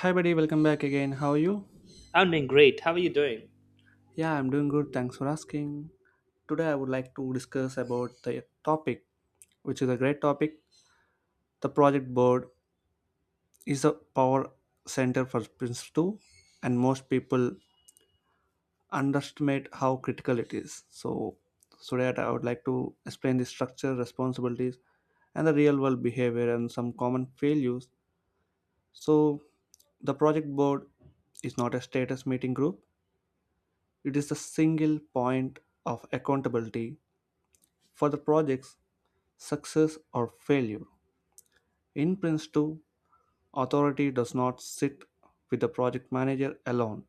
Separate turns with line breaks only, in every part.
Hi, buddy, welcome back again. How are you?
I'm doing great. How are you doing?
Yeah, I'm doing good. Thanks for asking. Today, I would like to discuss about the topic, which is a great topic. The project board is a power center for Prince 2, and most people underestimate how critical it is. So, so that I would like to explain the structure, responsibilities, and the real world behavior and some common failures. So, the project board is not a status meeting group. It is the single point of accountability for the project's success or failure. In Prince 2, authority does not sit with the project manager alone.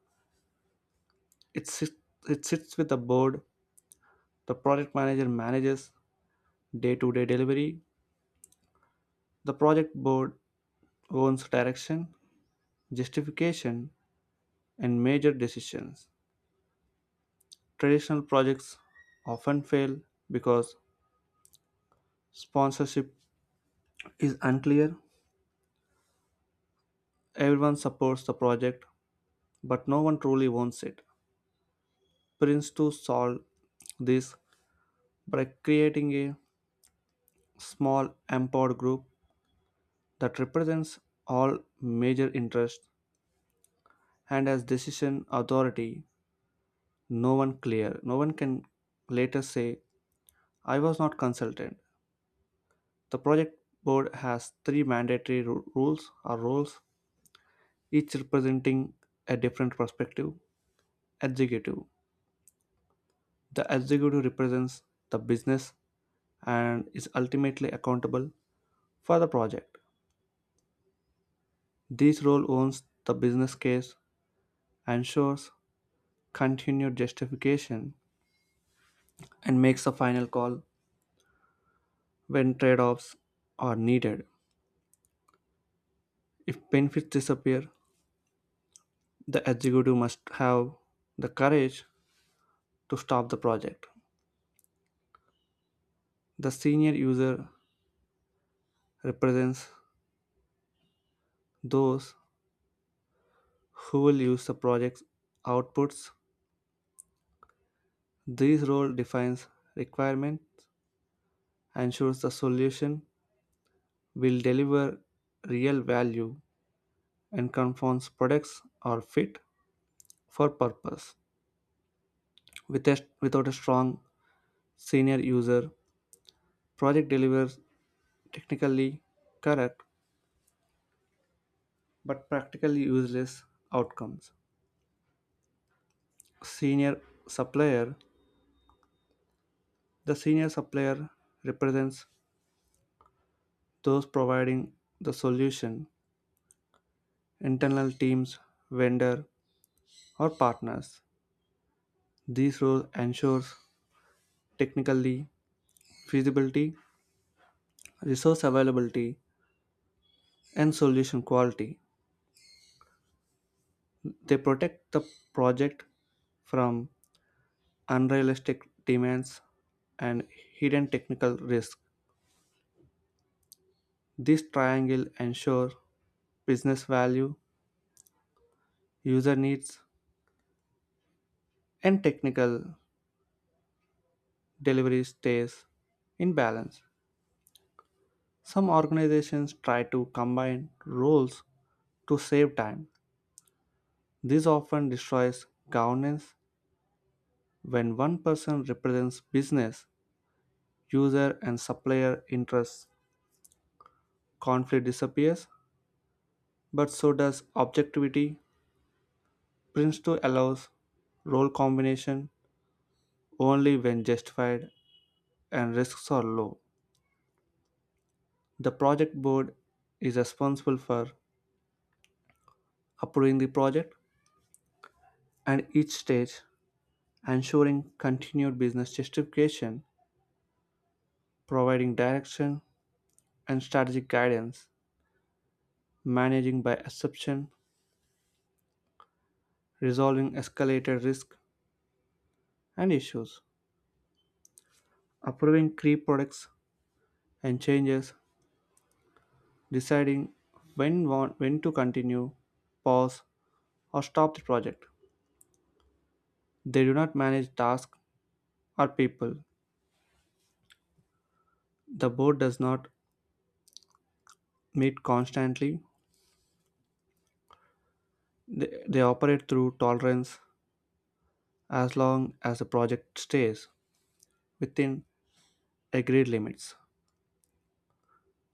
It, sit, it sits with the board. The project manager manages day to day delivery. The project board owns direction, justification, and major decisions. Traditional projects often fail because sponsorship is unclear. Everyone supports the project but no one truly owns it. Prince too solved this by creating a small empowered group that represents all major interests and has decision authority. No one can later say I was not consulted. The project board has three mandatory rules or roles, each representing a different perspective. Executive: the executive represents the business and is ultimately accountable for the project. This role owns the business case, ensures continued justification, and makes a final call when trade offs are needed. If benefits disappear, the executive must have the courage to stop the project. The senior user represents those who will use the project's outputs. This role defines requirements, ensures the solution will deliver real value and conforms products are fit for purpose. Without a strong senior user, project delivers technically correct but practically useless outcomes. Senior supplier. The senior supplier represents those providing the solution, internal teams, vendor, or partners. These roles ensures technically feasibility, resource availability, and solution quality. They protect the project from unrealistic demands and hidden technical risk. This triangle ensures business value, user needs, and technical delivery stays in balance. Some organizations try to combine roles to save time. This often destroys governance when one person represents business, user, and supplier interests. Conflict disappears but so does objectivity. Prince 2 allows role combination only when justified and risks are low. The project board is responsible for approving the project and each stage, ensuring continued business justification, providing direction and strategic guidance, managing by exception, resolving escalated risk and issues, approving key products and changes, deciding when to continue, pause, or stop the project. They do not manage tasks or people. The board does not meet constantly. They operate through tolerance as long as the project stays within agreed limits.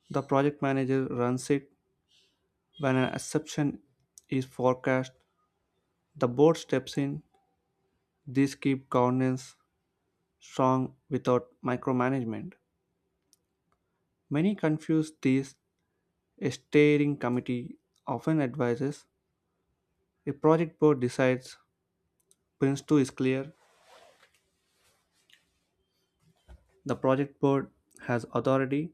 The project manager runs it when an exception is forecast. The board steps in. These keep governance strong without micromanagement. Many confuse these. A steering committee often advises, a project board decides. Prince 2 is clear, the project board has authority,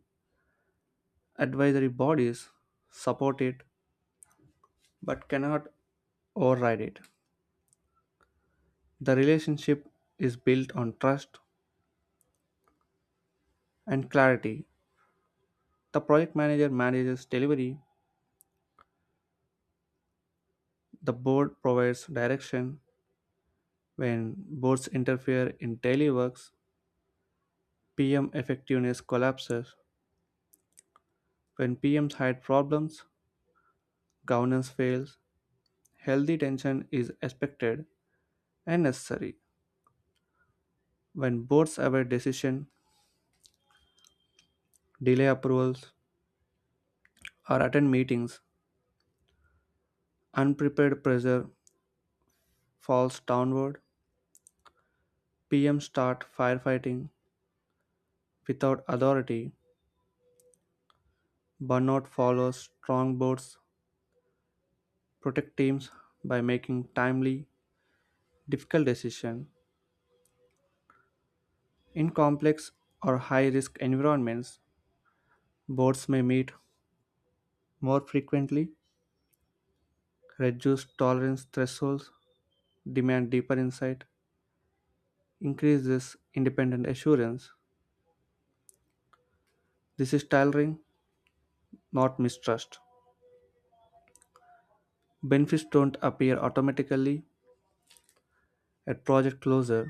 advisory bodies support it but cannot override it. The relationship is built on trust and clarity. The project manager manages delivery, the board provides direction. When boards interfere in daily works, PM effectiveness collapses. When PMs hide problems, governance fails. Healthy tension is expected and necessary. When boards await decision, delay approvals, or attend meetings, unprepared pressure falls downward. PM start firefighting without authority. Burnout follows strong boards protect teams by making timely, difficult decisions. In complex or high-risk environments, boards may meet more frequently, reduce tolerance thresholds, demand deeper insight, increases independent assurance. This is tailoring, not mistrust. Benefits don't appear automatically at project closure.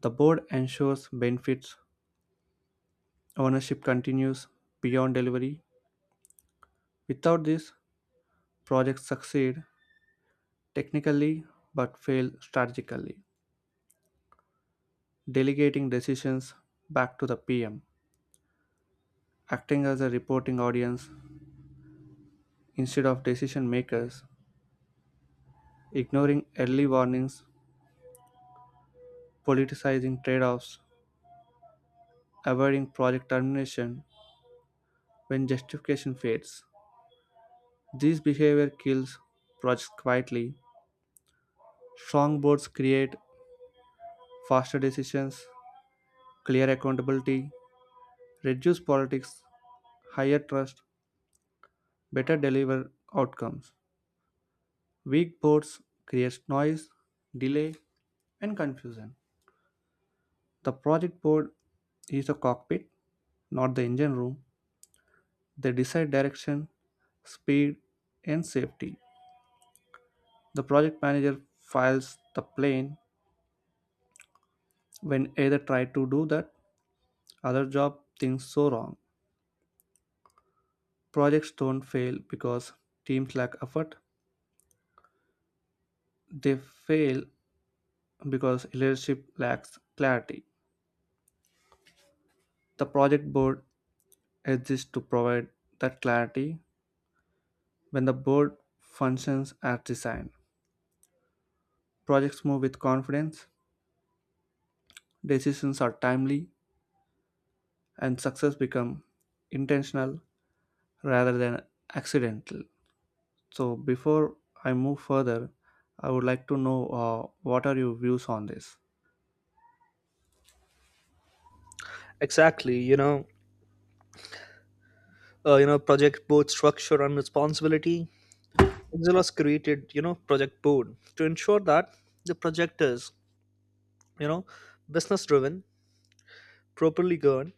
The board ensures benefits ownership continues beyond delivery. Without this, projects succeed technically but fail strategically. Delegating decisions back to the PM, acting as a reporting audience instead of decision makers, ignoring early warnings, politicizing trade offs, avoiding project termination when justification fades. This behavior kills projects quietly. Strong boards create faster decisions, clear accountability, reduce politics, higher trust, better deliver outcomes. Weak boards create noise, delay, and confusion. The project board is the cockpit, not the engine room. They decide direction, speed, and safety. The project manager files the plane. When either try to do that, other job things so wrong. Projects don't fail because teams lack effort. They fail because leadership lacks clarity. The project board exists to provide that clarity when the board functions as designed. Projects move with confidence, decisions are timely, and success become intentional rather than accidental. So before I move further, I would like to know, what are your views on this?
Exactly. Project board structure and responsibility. Exelos created, project board to ensure that the project is, you know, business driven, properly governed,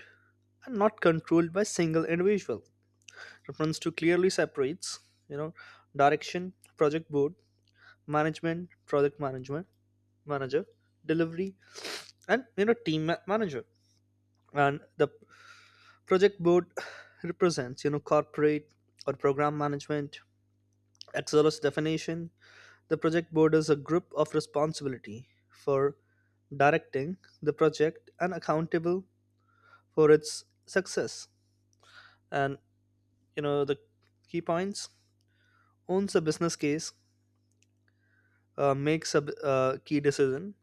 and not controlled by single individual. Reference to clearly separates, you know, direction, project board, management, project management, manager, delivery, and team manager. And the Project board represents, corporate or program management. Axelos definition, the project board is a group of responsibility for directing the project and accountable for its success. And the key points: owns a business case, makes a key decision,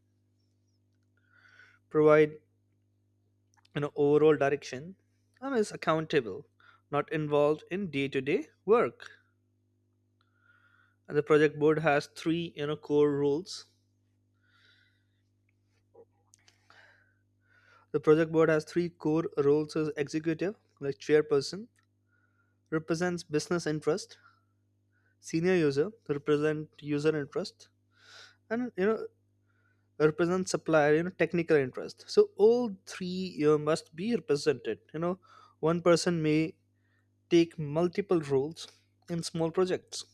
provide overall direction, and is accountable, not involved in day-to-day work. And the project board has three core rules. The project board has three core roles as executive, like chairperson, represents business interest, senior user, represent user interest, and represents supplier, technical interest. So all three must be represented. One person may take multiple roles in small projects,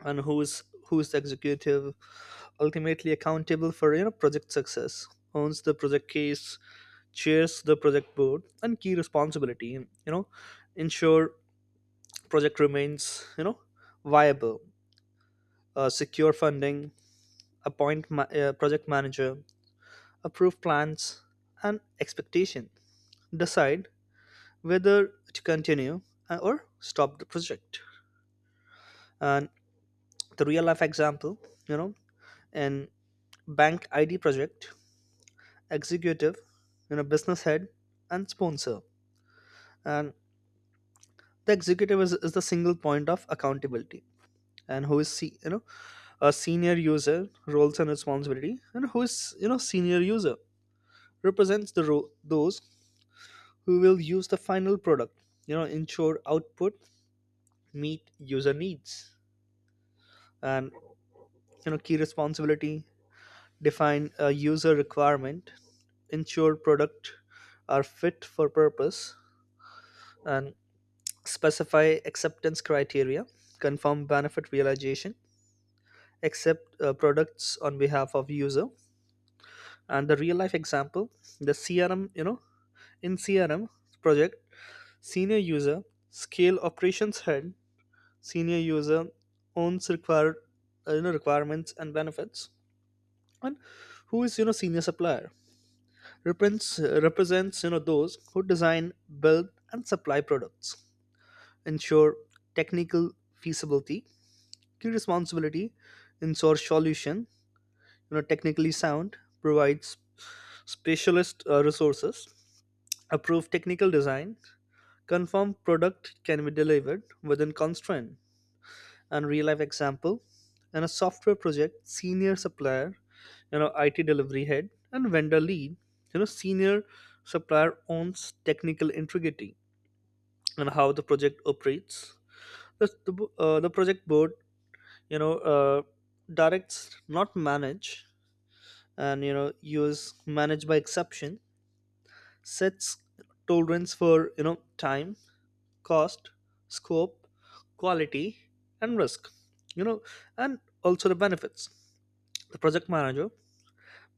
and who is the executive ultimately accountable for project success, owns the project case, chairs the project board and key responsibility, and ensure project remains viable, secure funding, appoint project manager, approve plans and expectation, decide whether to continue or stop the project. And the real life example, you know in bank ID project, executive, business head and sponsor, and the executive is the single point of accountability. And who is a senior user roles and responsibility, and who is senior user represents those who will use the final product, ensure output meet user needs. And key responsibility, define a user requirement, ensure product are fit for purpose, and specify acceptance criteria, confirm benefit realization, accept products on behalf of user. And the real life example, the CRM, in CRM project, senior user, scale operations head, senior user owns required you know requirements and benefits. And who is senior supplier represents, those who design, build and supply products, ensure technical feasibility. Key responsibility, ensure solution, technically sound, provides specialist resources, approve technical design, confirm product can be delivered within constraint, and real life example. In a software project, senior supplier, IT delivery head, and vendor lead, senior supplier owns technical integrity and how the project operates. The project board, you know, uh, directs not manage, and use manage by exception, sets tolerance for time, cost, scope, quality, and risk. You know, and also the benefits. The project manager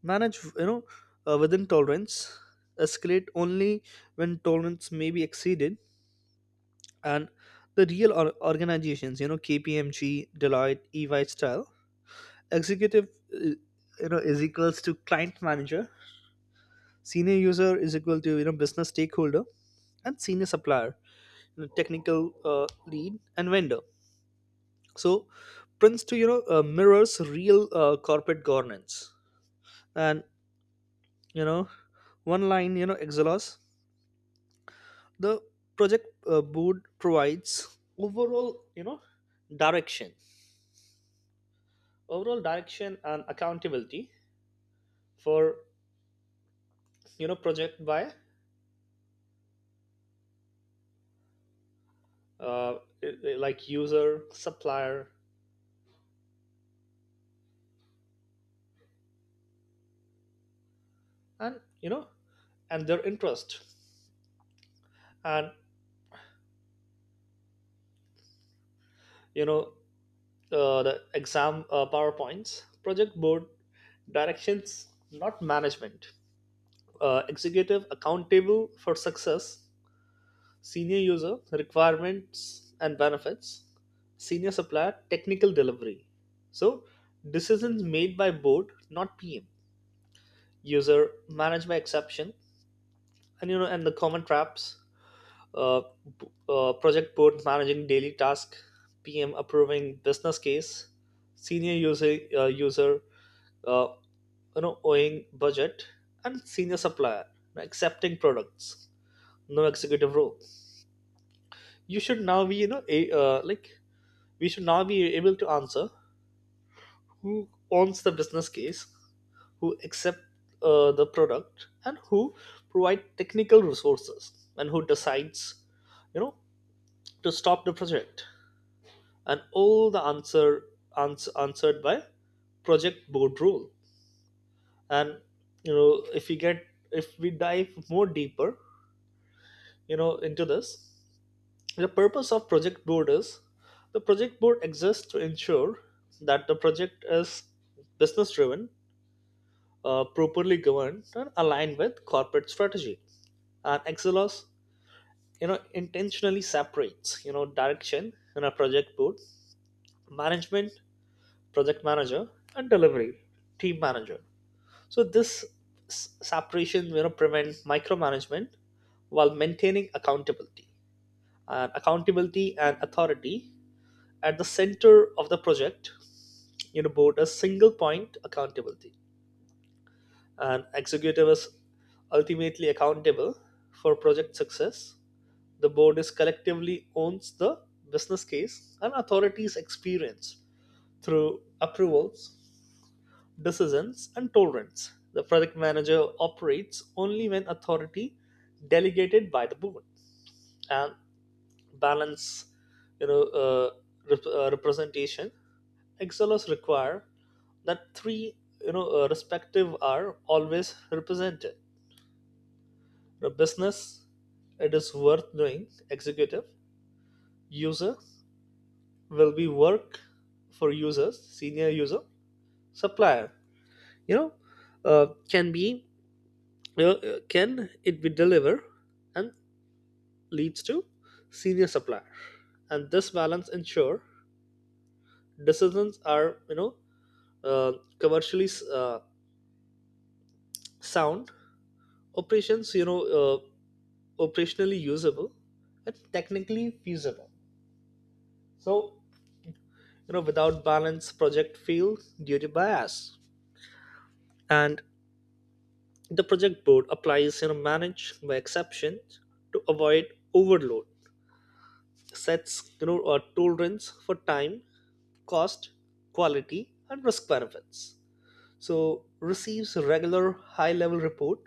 manage within tolerance, escalate only when tolerance may be exceeded. And the organizations, KPMG, Deloitte, EY style, executive, uh, is equals to client manager, senior user is equal to business stakeholder, and senior supplier, technical lead and vendor. So prince to mirrors real corporate governance. And you know one line exelos, the project board provides overall direction, and accountability for project by uh, like user supplier, and and their interest. And you know the exam powerpoints, project board directions not management, executive accountable for success, senior user requirements and benefits, senior supplier technical delivery. So decisions made by board, not PM. User managed by exception, and and the common traps. Uh, project board managing daily task, PM approving business case, senior user uh, owing budget, and senior supplier accepting products, no executive role. You should now be you know a, like We should now be able to answer who owns the business case, who accept the product, and who provide technical resources, and who decides you know to stop the project. And all the answer answered by project board rule. And if we get, if we dive more deeper into this. The purpose of project board is the project board exists to ensure that the project is business driven, properly governed, and aligned with corporate strategy. And Excelos, intentionally separates direction in a project board, management, project manager, and delivery team manager. So this separation prevents micromanagement while maintaining accountability. And accountability and authority at the center of the project, board a single point accountability. And executive is ultimately accountable for project success. The board is collectively owns the business case, and authorities experience through approvals, decisions and tolerance. The project manager operates only when authority delegated by the board. And balance, you know uh, representation, Exilers require that three respective are always represented. The business, it is worth doing, executive. User, will be work for users, senior user. Supplier, you know can be, can it be deliver, and leads to senior supplier. And this balance ensure decisions are, uh, commercially sound, operations, uh, operationally usable, and technically feasible. So, without balance, project fails due to bias. And the project board applies, manage by exception to avoid overload, sets, a tolerance for time, cost, quality, and risk benefits. So, receives regular high level report,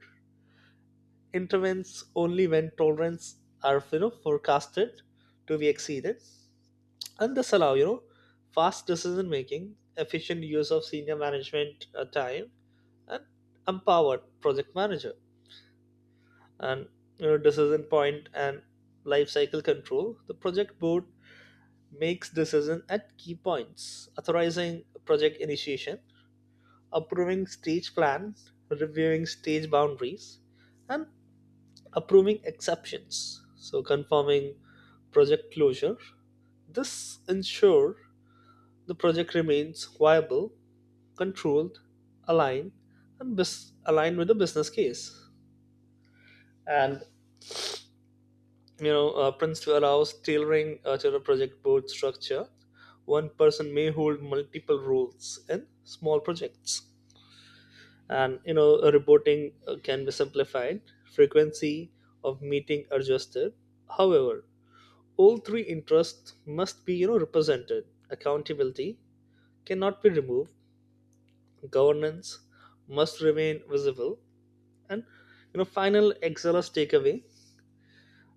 intervenes only when tolerance are, forecasted to be exceeded. And this allow fast decision making, efficient use of senior management time, and empowered project manager. And decision point and life cycle control, the project board makes decision at key points, authorizing project initiation, approving stage plan, reviewing stage boundaries, and approving exceptions, so confirming project closure. This ensure the project remains viable, controlled, aligned, and aligned with the business case. And Prince to allows tailoring to the project board structure. One person may hold multiple roles in small projects, and reporting can be simplified, frequency of meeting adjusted. However, all three interests must be represented. Accountability cannot be removed, governance must remain visible. And final excel's takeaway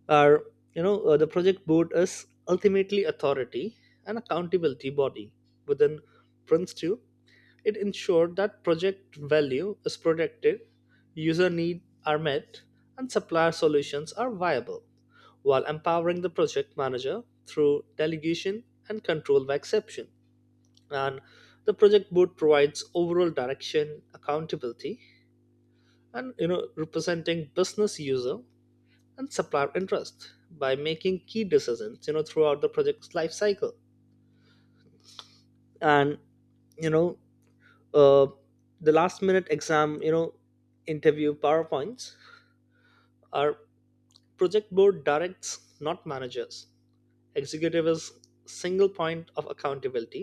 are, the project board is ultimately authority and accountability body within prince 2. It ensured that project value is protected, user needs are met, and supplier solutions are viable, while empowering the project manager through delegation and control by exception. And the project board provides overall direction, accountability, and representing business, user, and supplier interest by making key decisions throughout the project's life cycle. And you know uh, the last minute exam interview powerpoints are, project board directs not managers, executive is single point of accountability,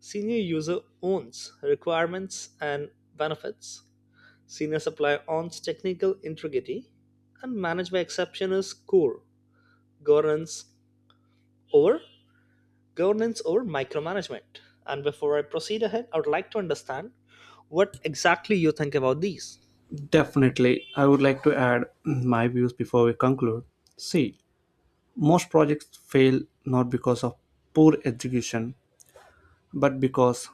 senior user owns requirements and benefits, senior supplier owns technical integrity, and manage by exception is core governance over, micromanagement. And before I proceed ahead, I would like to understand what exactly you think about these.
Definitely, I would like to add my views before we conclude. See, most projects fail not because of poor execution, but because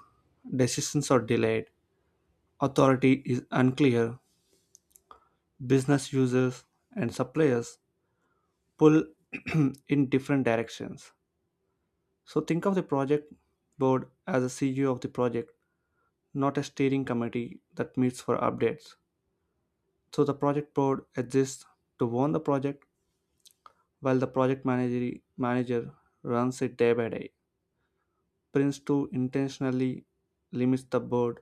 decisions are delayed, authority is unclear, business users and suppliers pull in different directions. So think of the project board as a CEO of the project, not a steering committee that meets for updates. So the project board exists to own the project while the project manager runs it day by day. Prince 2 intentionally limits the board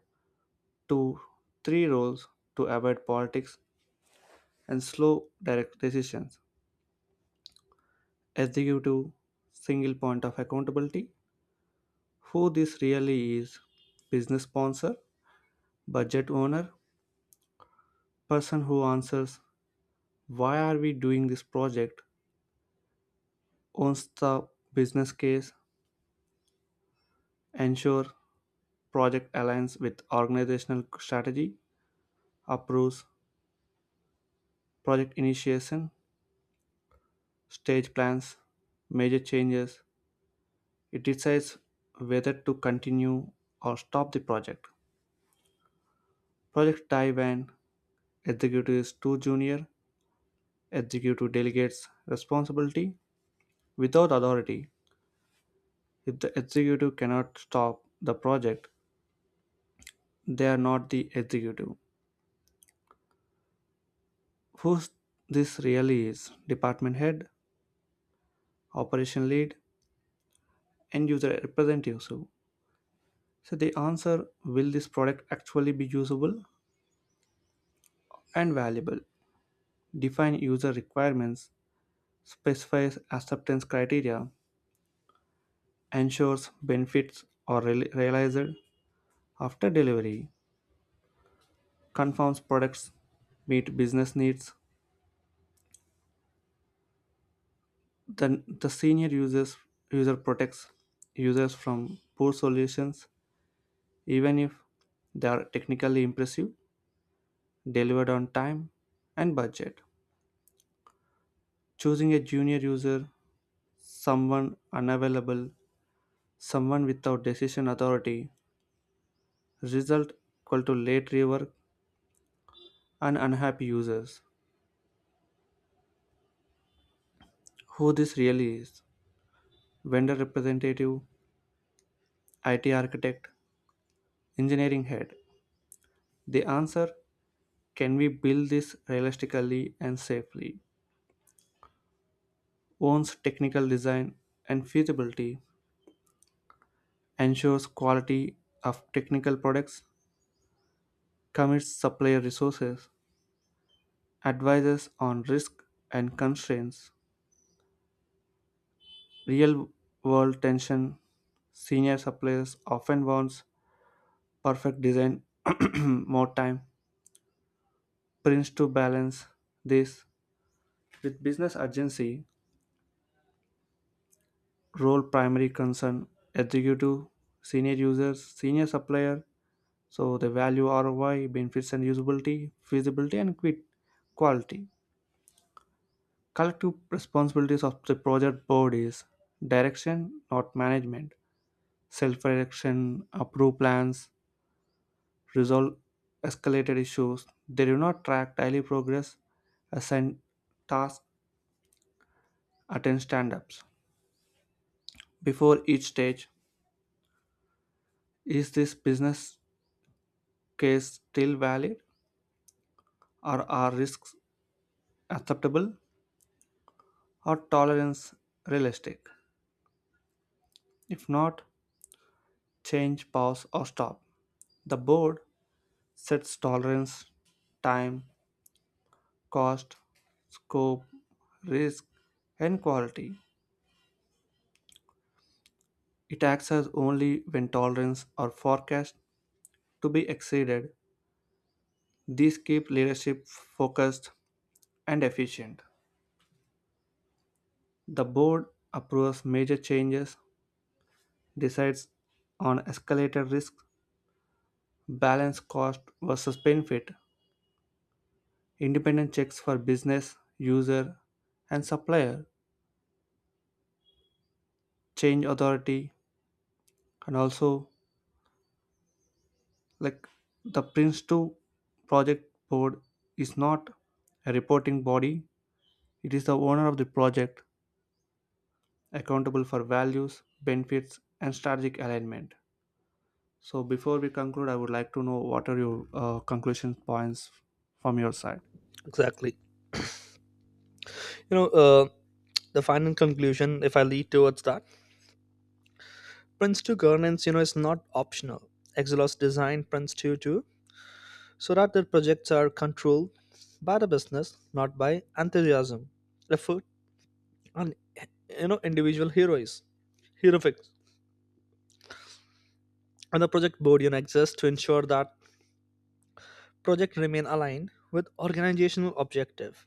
to 3 roles to avoid politics and slow direct decisions. Executive: single point of accountability. Who this really is? Business sponsor, budget owner, person who answers why are we doing this project. Owns the business case, ensures project aligns with organizational strategy, approves project initiation, stage plans, major changes. It decides whether to continue or stop the project. Project die when executive is too junior, executive delegates responsibility without authority. If the executive cannot stop the project, they are not the executive. Who this really is? Department head, operation lead, end user representative. So they answer, will this product actually be usable and valuable? Define user requirements, specifies acceptance criteria, ensures benefits are realized after delivery, confirms products meet business needs. Then the senior users user protects users from poor solutions even if they are technically impressive, delivered on time and budget. Choosing a junior user, someone unavailable, someone without decision authority, result equal to late rework and unhappy users. Who this really is? Vendor representative, IT architect, engineering head. The answer, can we build this realistically and safely? Owns technical design and feasibility, ensures quality of technical products, commits supplier resources, advises on risk and constraints. Real world tension: senior suppliers often wants perfect design more time. Prints to balance this with business urgency. Role primary concern: executive, senior users, senior supplier. So the value, ROI, benefits and usability, feasibility and quit quality. Collective responsibilities of the project board is direction not management. Self-direction, approve plans, resolve escalated issues. They do not track daily progress, assign tasks, attend stand ups. Before each stage, is this business case still valid? Or are risks acceptable? Or tolerance realistic? If not, change, pause, or stop. The board sets tolerance, time, cost, scope, risk, and quality. It acts as only when tolerance or forecast to be exceeded. These keep leadership focused and efficient. The board approves major changes, decides on escalated risk, balance cost versus benefit, independent checks for business, user, and supplier, change authority. And also, like, the Prince 2 project board is not a reporting body, it is the owner of the project accountable for values, benefits, and strategic alignment. So before we conclude, I would like to know what are your conclusion points from your side.
Exactly. You know, uh, the final conclusion, if I lead towards that, Prince 2 governance, is not optional. Exelos designed Prince 2 too, so that their projects are controlled by the business, not by enthusiasm, effort, and, individual heroes. Heroics. And the project board, exists to ensure that projects remain aligned with organizational objective.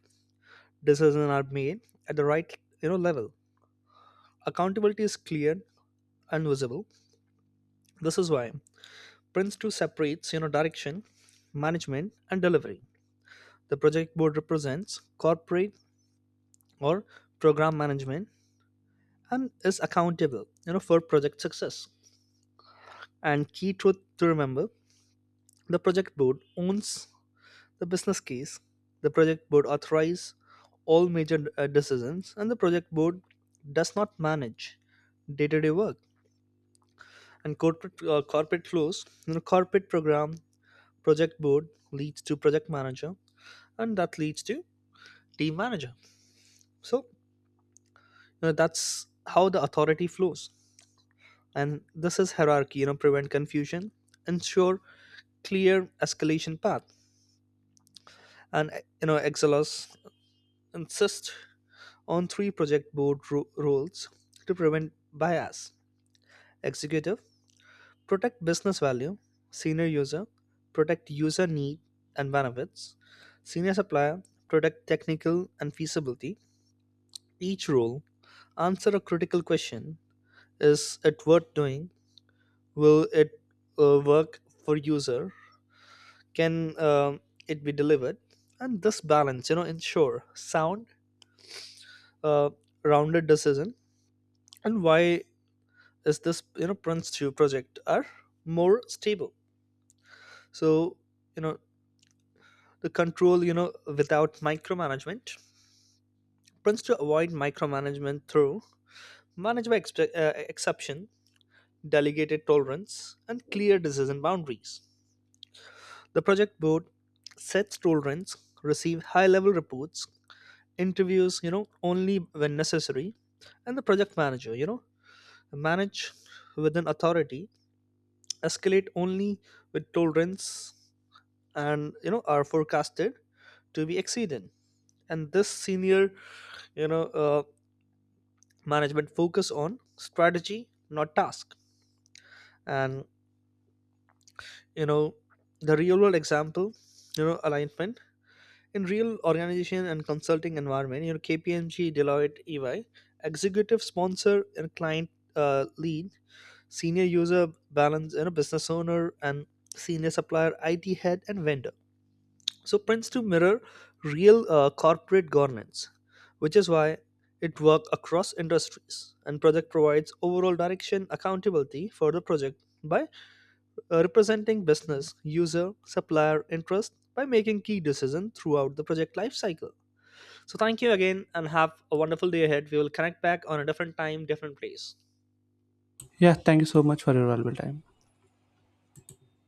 Decisions are made at the right level. Accountability is clear and visible. This is why Prince 2 separates direction, management, and delivery. The project board represents corporate or program management, and is accountable for project success. And key truth to remember, the project board owns the business case, the project board authorizes all major decisions, and the project board does not manage day-to-day work. And corporate, flows. Corporate program, project board leads to project manager, and that leads to team manager. So that's how the authority flows, and this is hierarchy. Prevent confusion, ensure clear escalation path. And Excelos insist on three project board roles to prevent bias: executive, protect business value, senior user, protect user need and benefits, senior supplier, protect technical and feasibility. Each role answer a critical question: is it worth doing? Will it work for user? Can it be delivered? And this balance, ensure sound, uh, rounded decision. And why is this prince 2 project are more stable? So you know the control, without micromanagement, prince to avoid micromanagement through managed by exception, delegated tolerance, and clear decision boundaries. The project board sets tolerance, receive high level reports, interviews only when necessary. And the project manager, manage with an authority, escalate only with tolerance and are forecasted to be exceeded. And this senior, you know uh, management focus on strategy, not task. And you know the real world example, alignment in real organization and consulting environment, KPMG, Deloitte, EY executive sponsor and client lead, senior user balance, business owner, and senior supplier, IT head and vendor. So prints to mirror real corporate governance, which is why it works across industries, and project provides overall direction accountability for the project by representing business, user, supplier interest by making key decisions throughout the project lifecycle. So thank you again and have a wonderful day ahead. We will connect back on a different time, different place.
Yeah, thank you so much for your valuable time.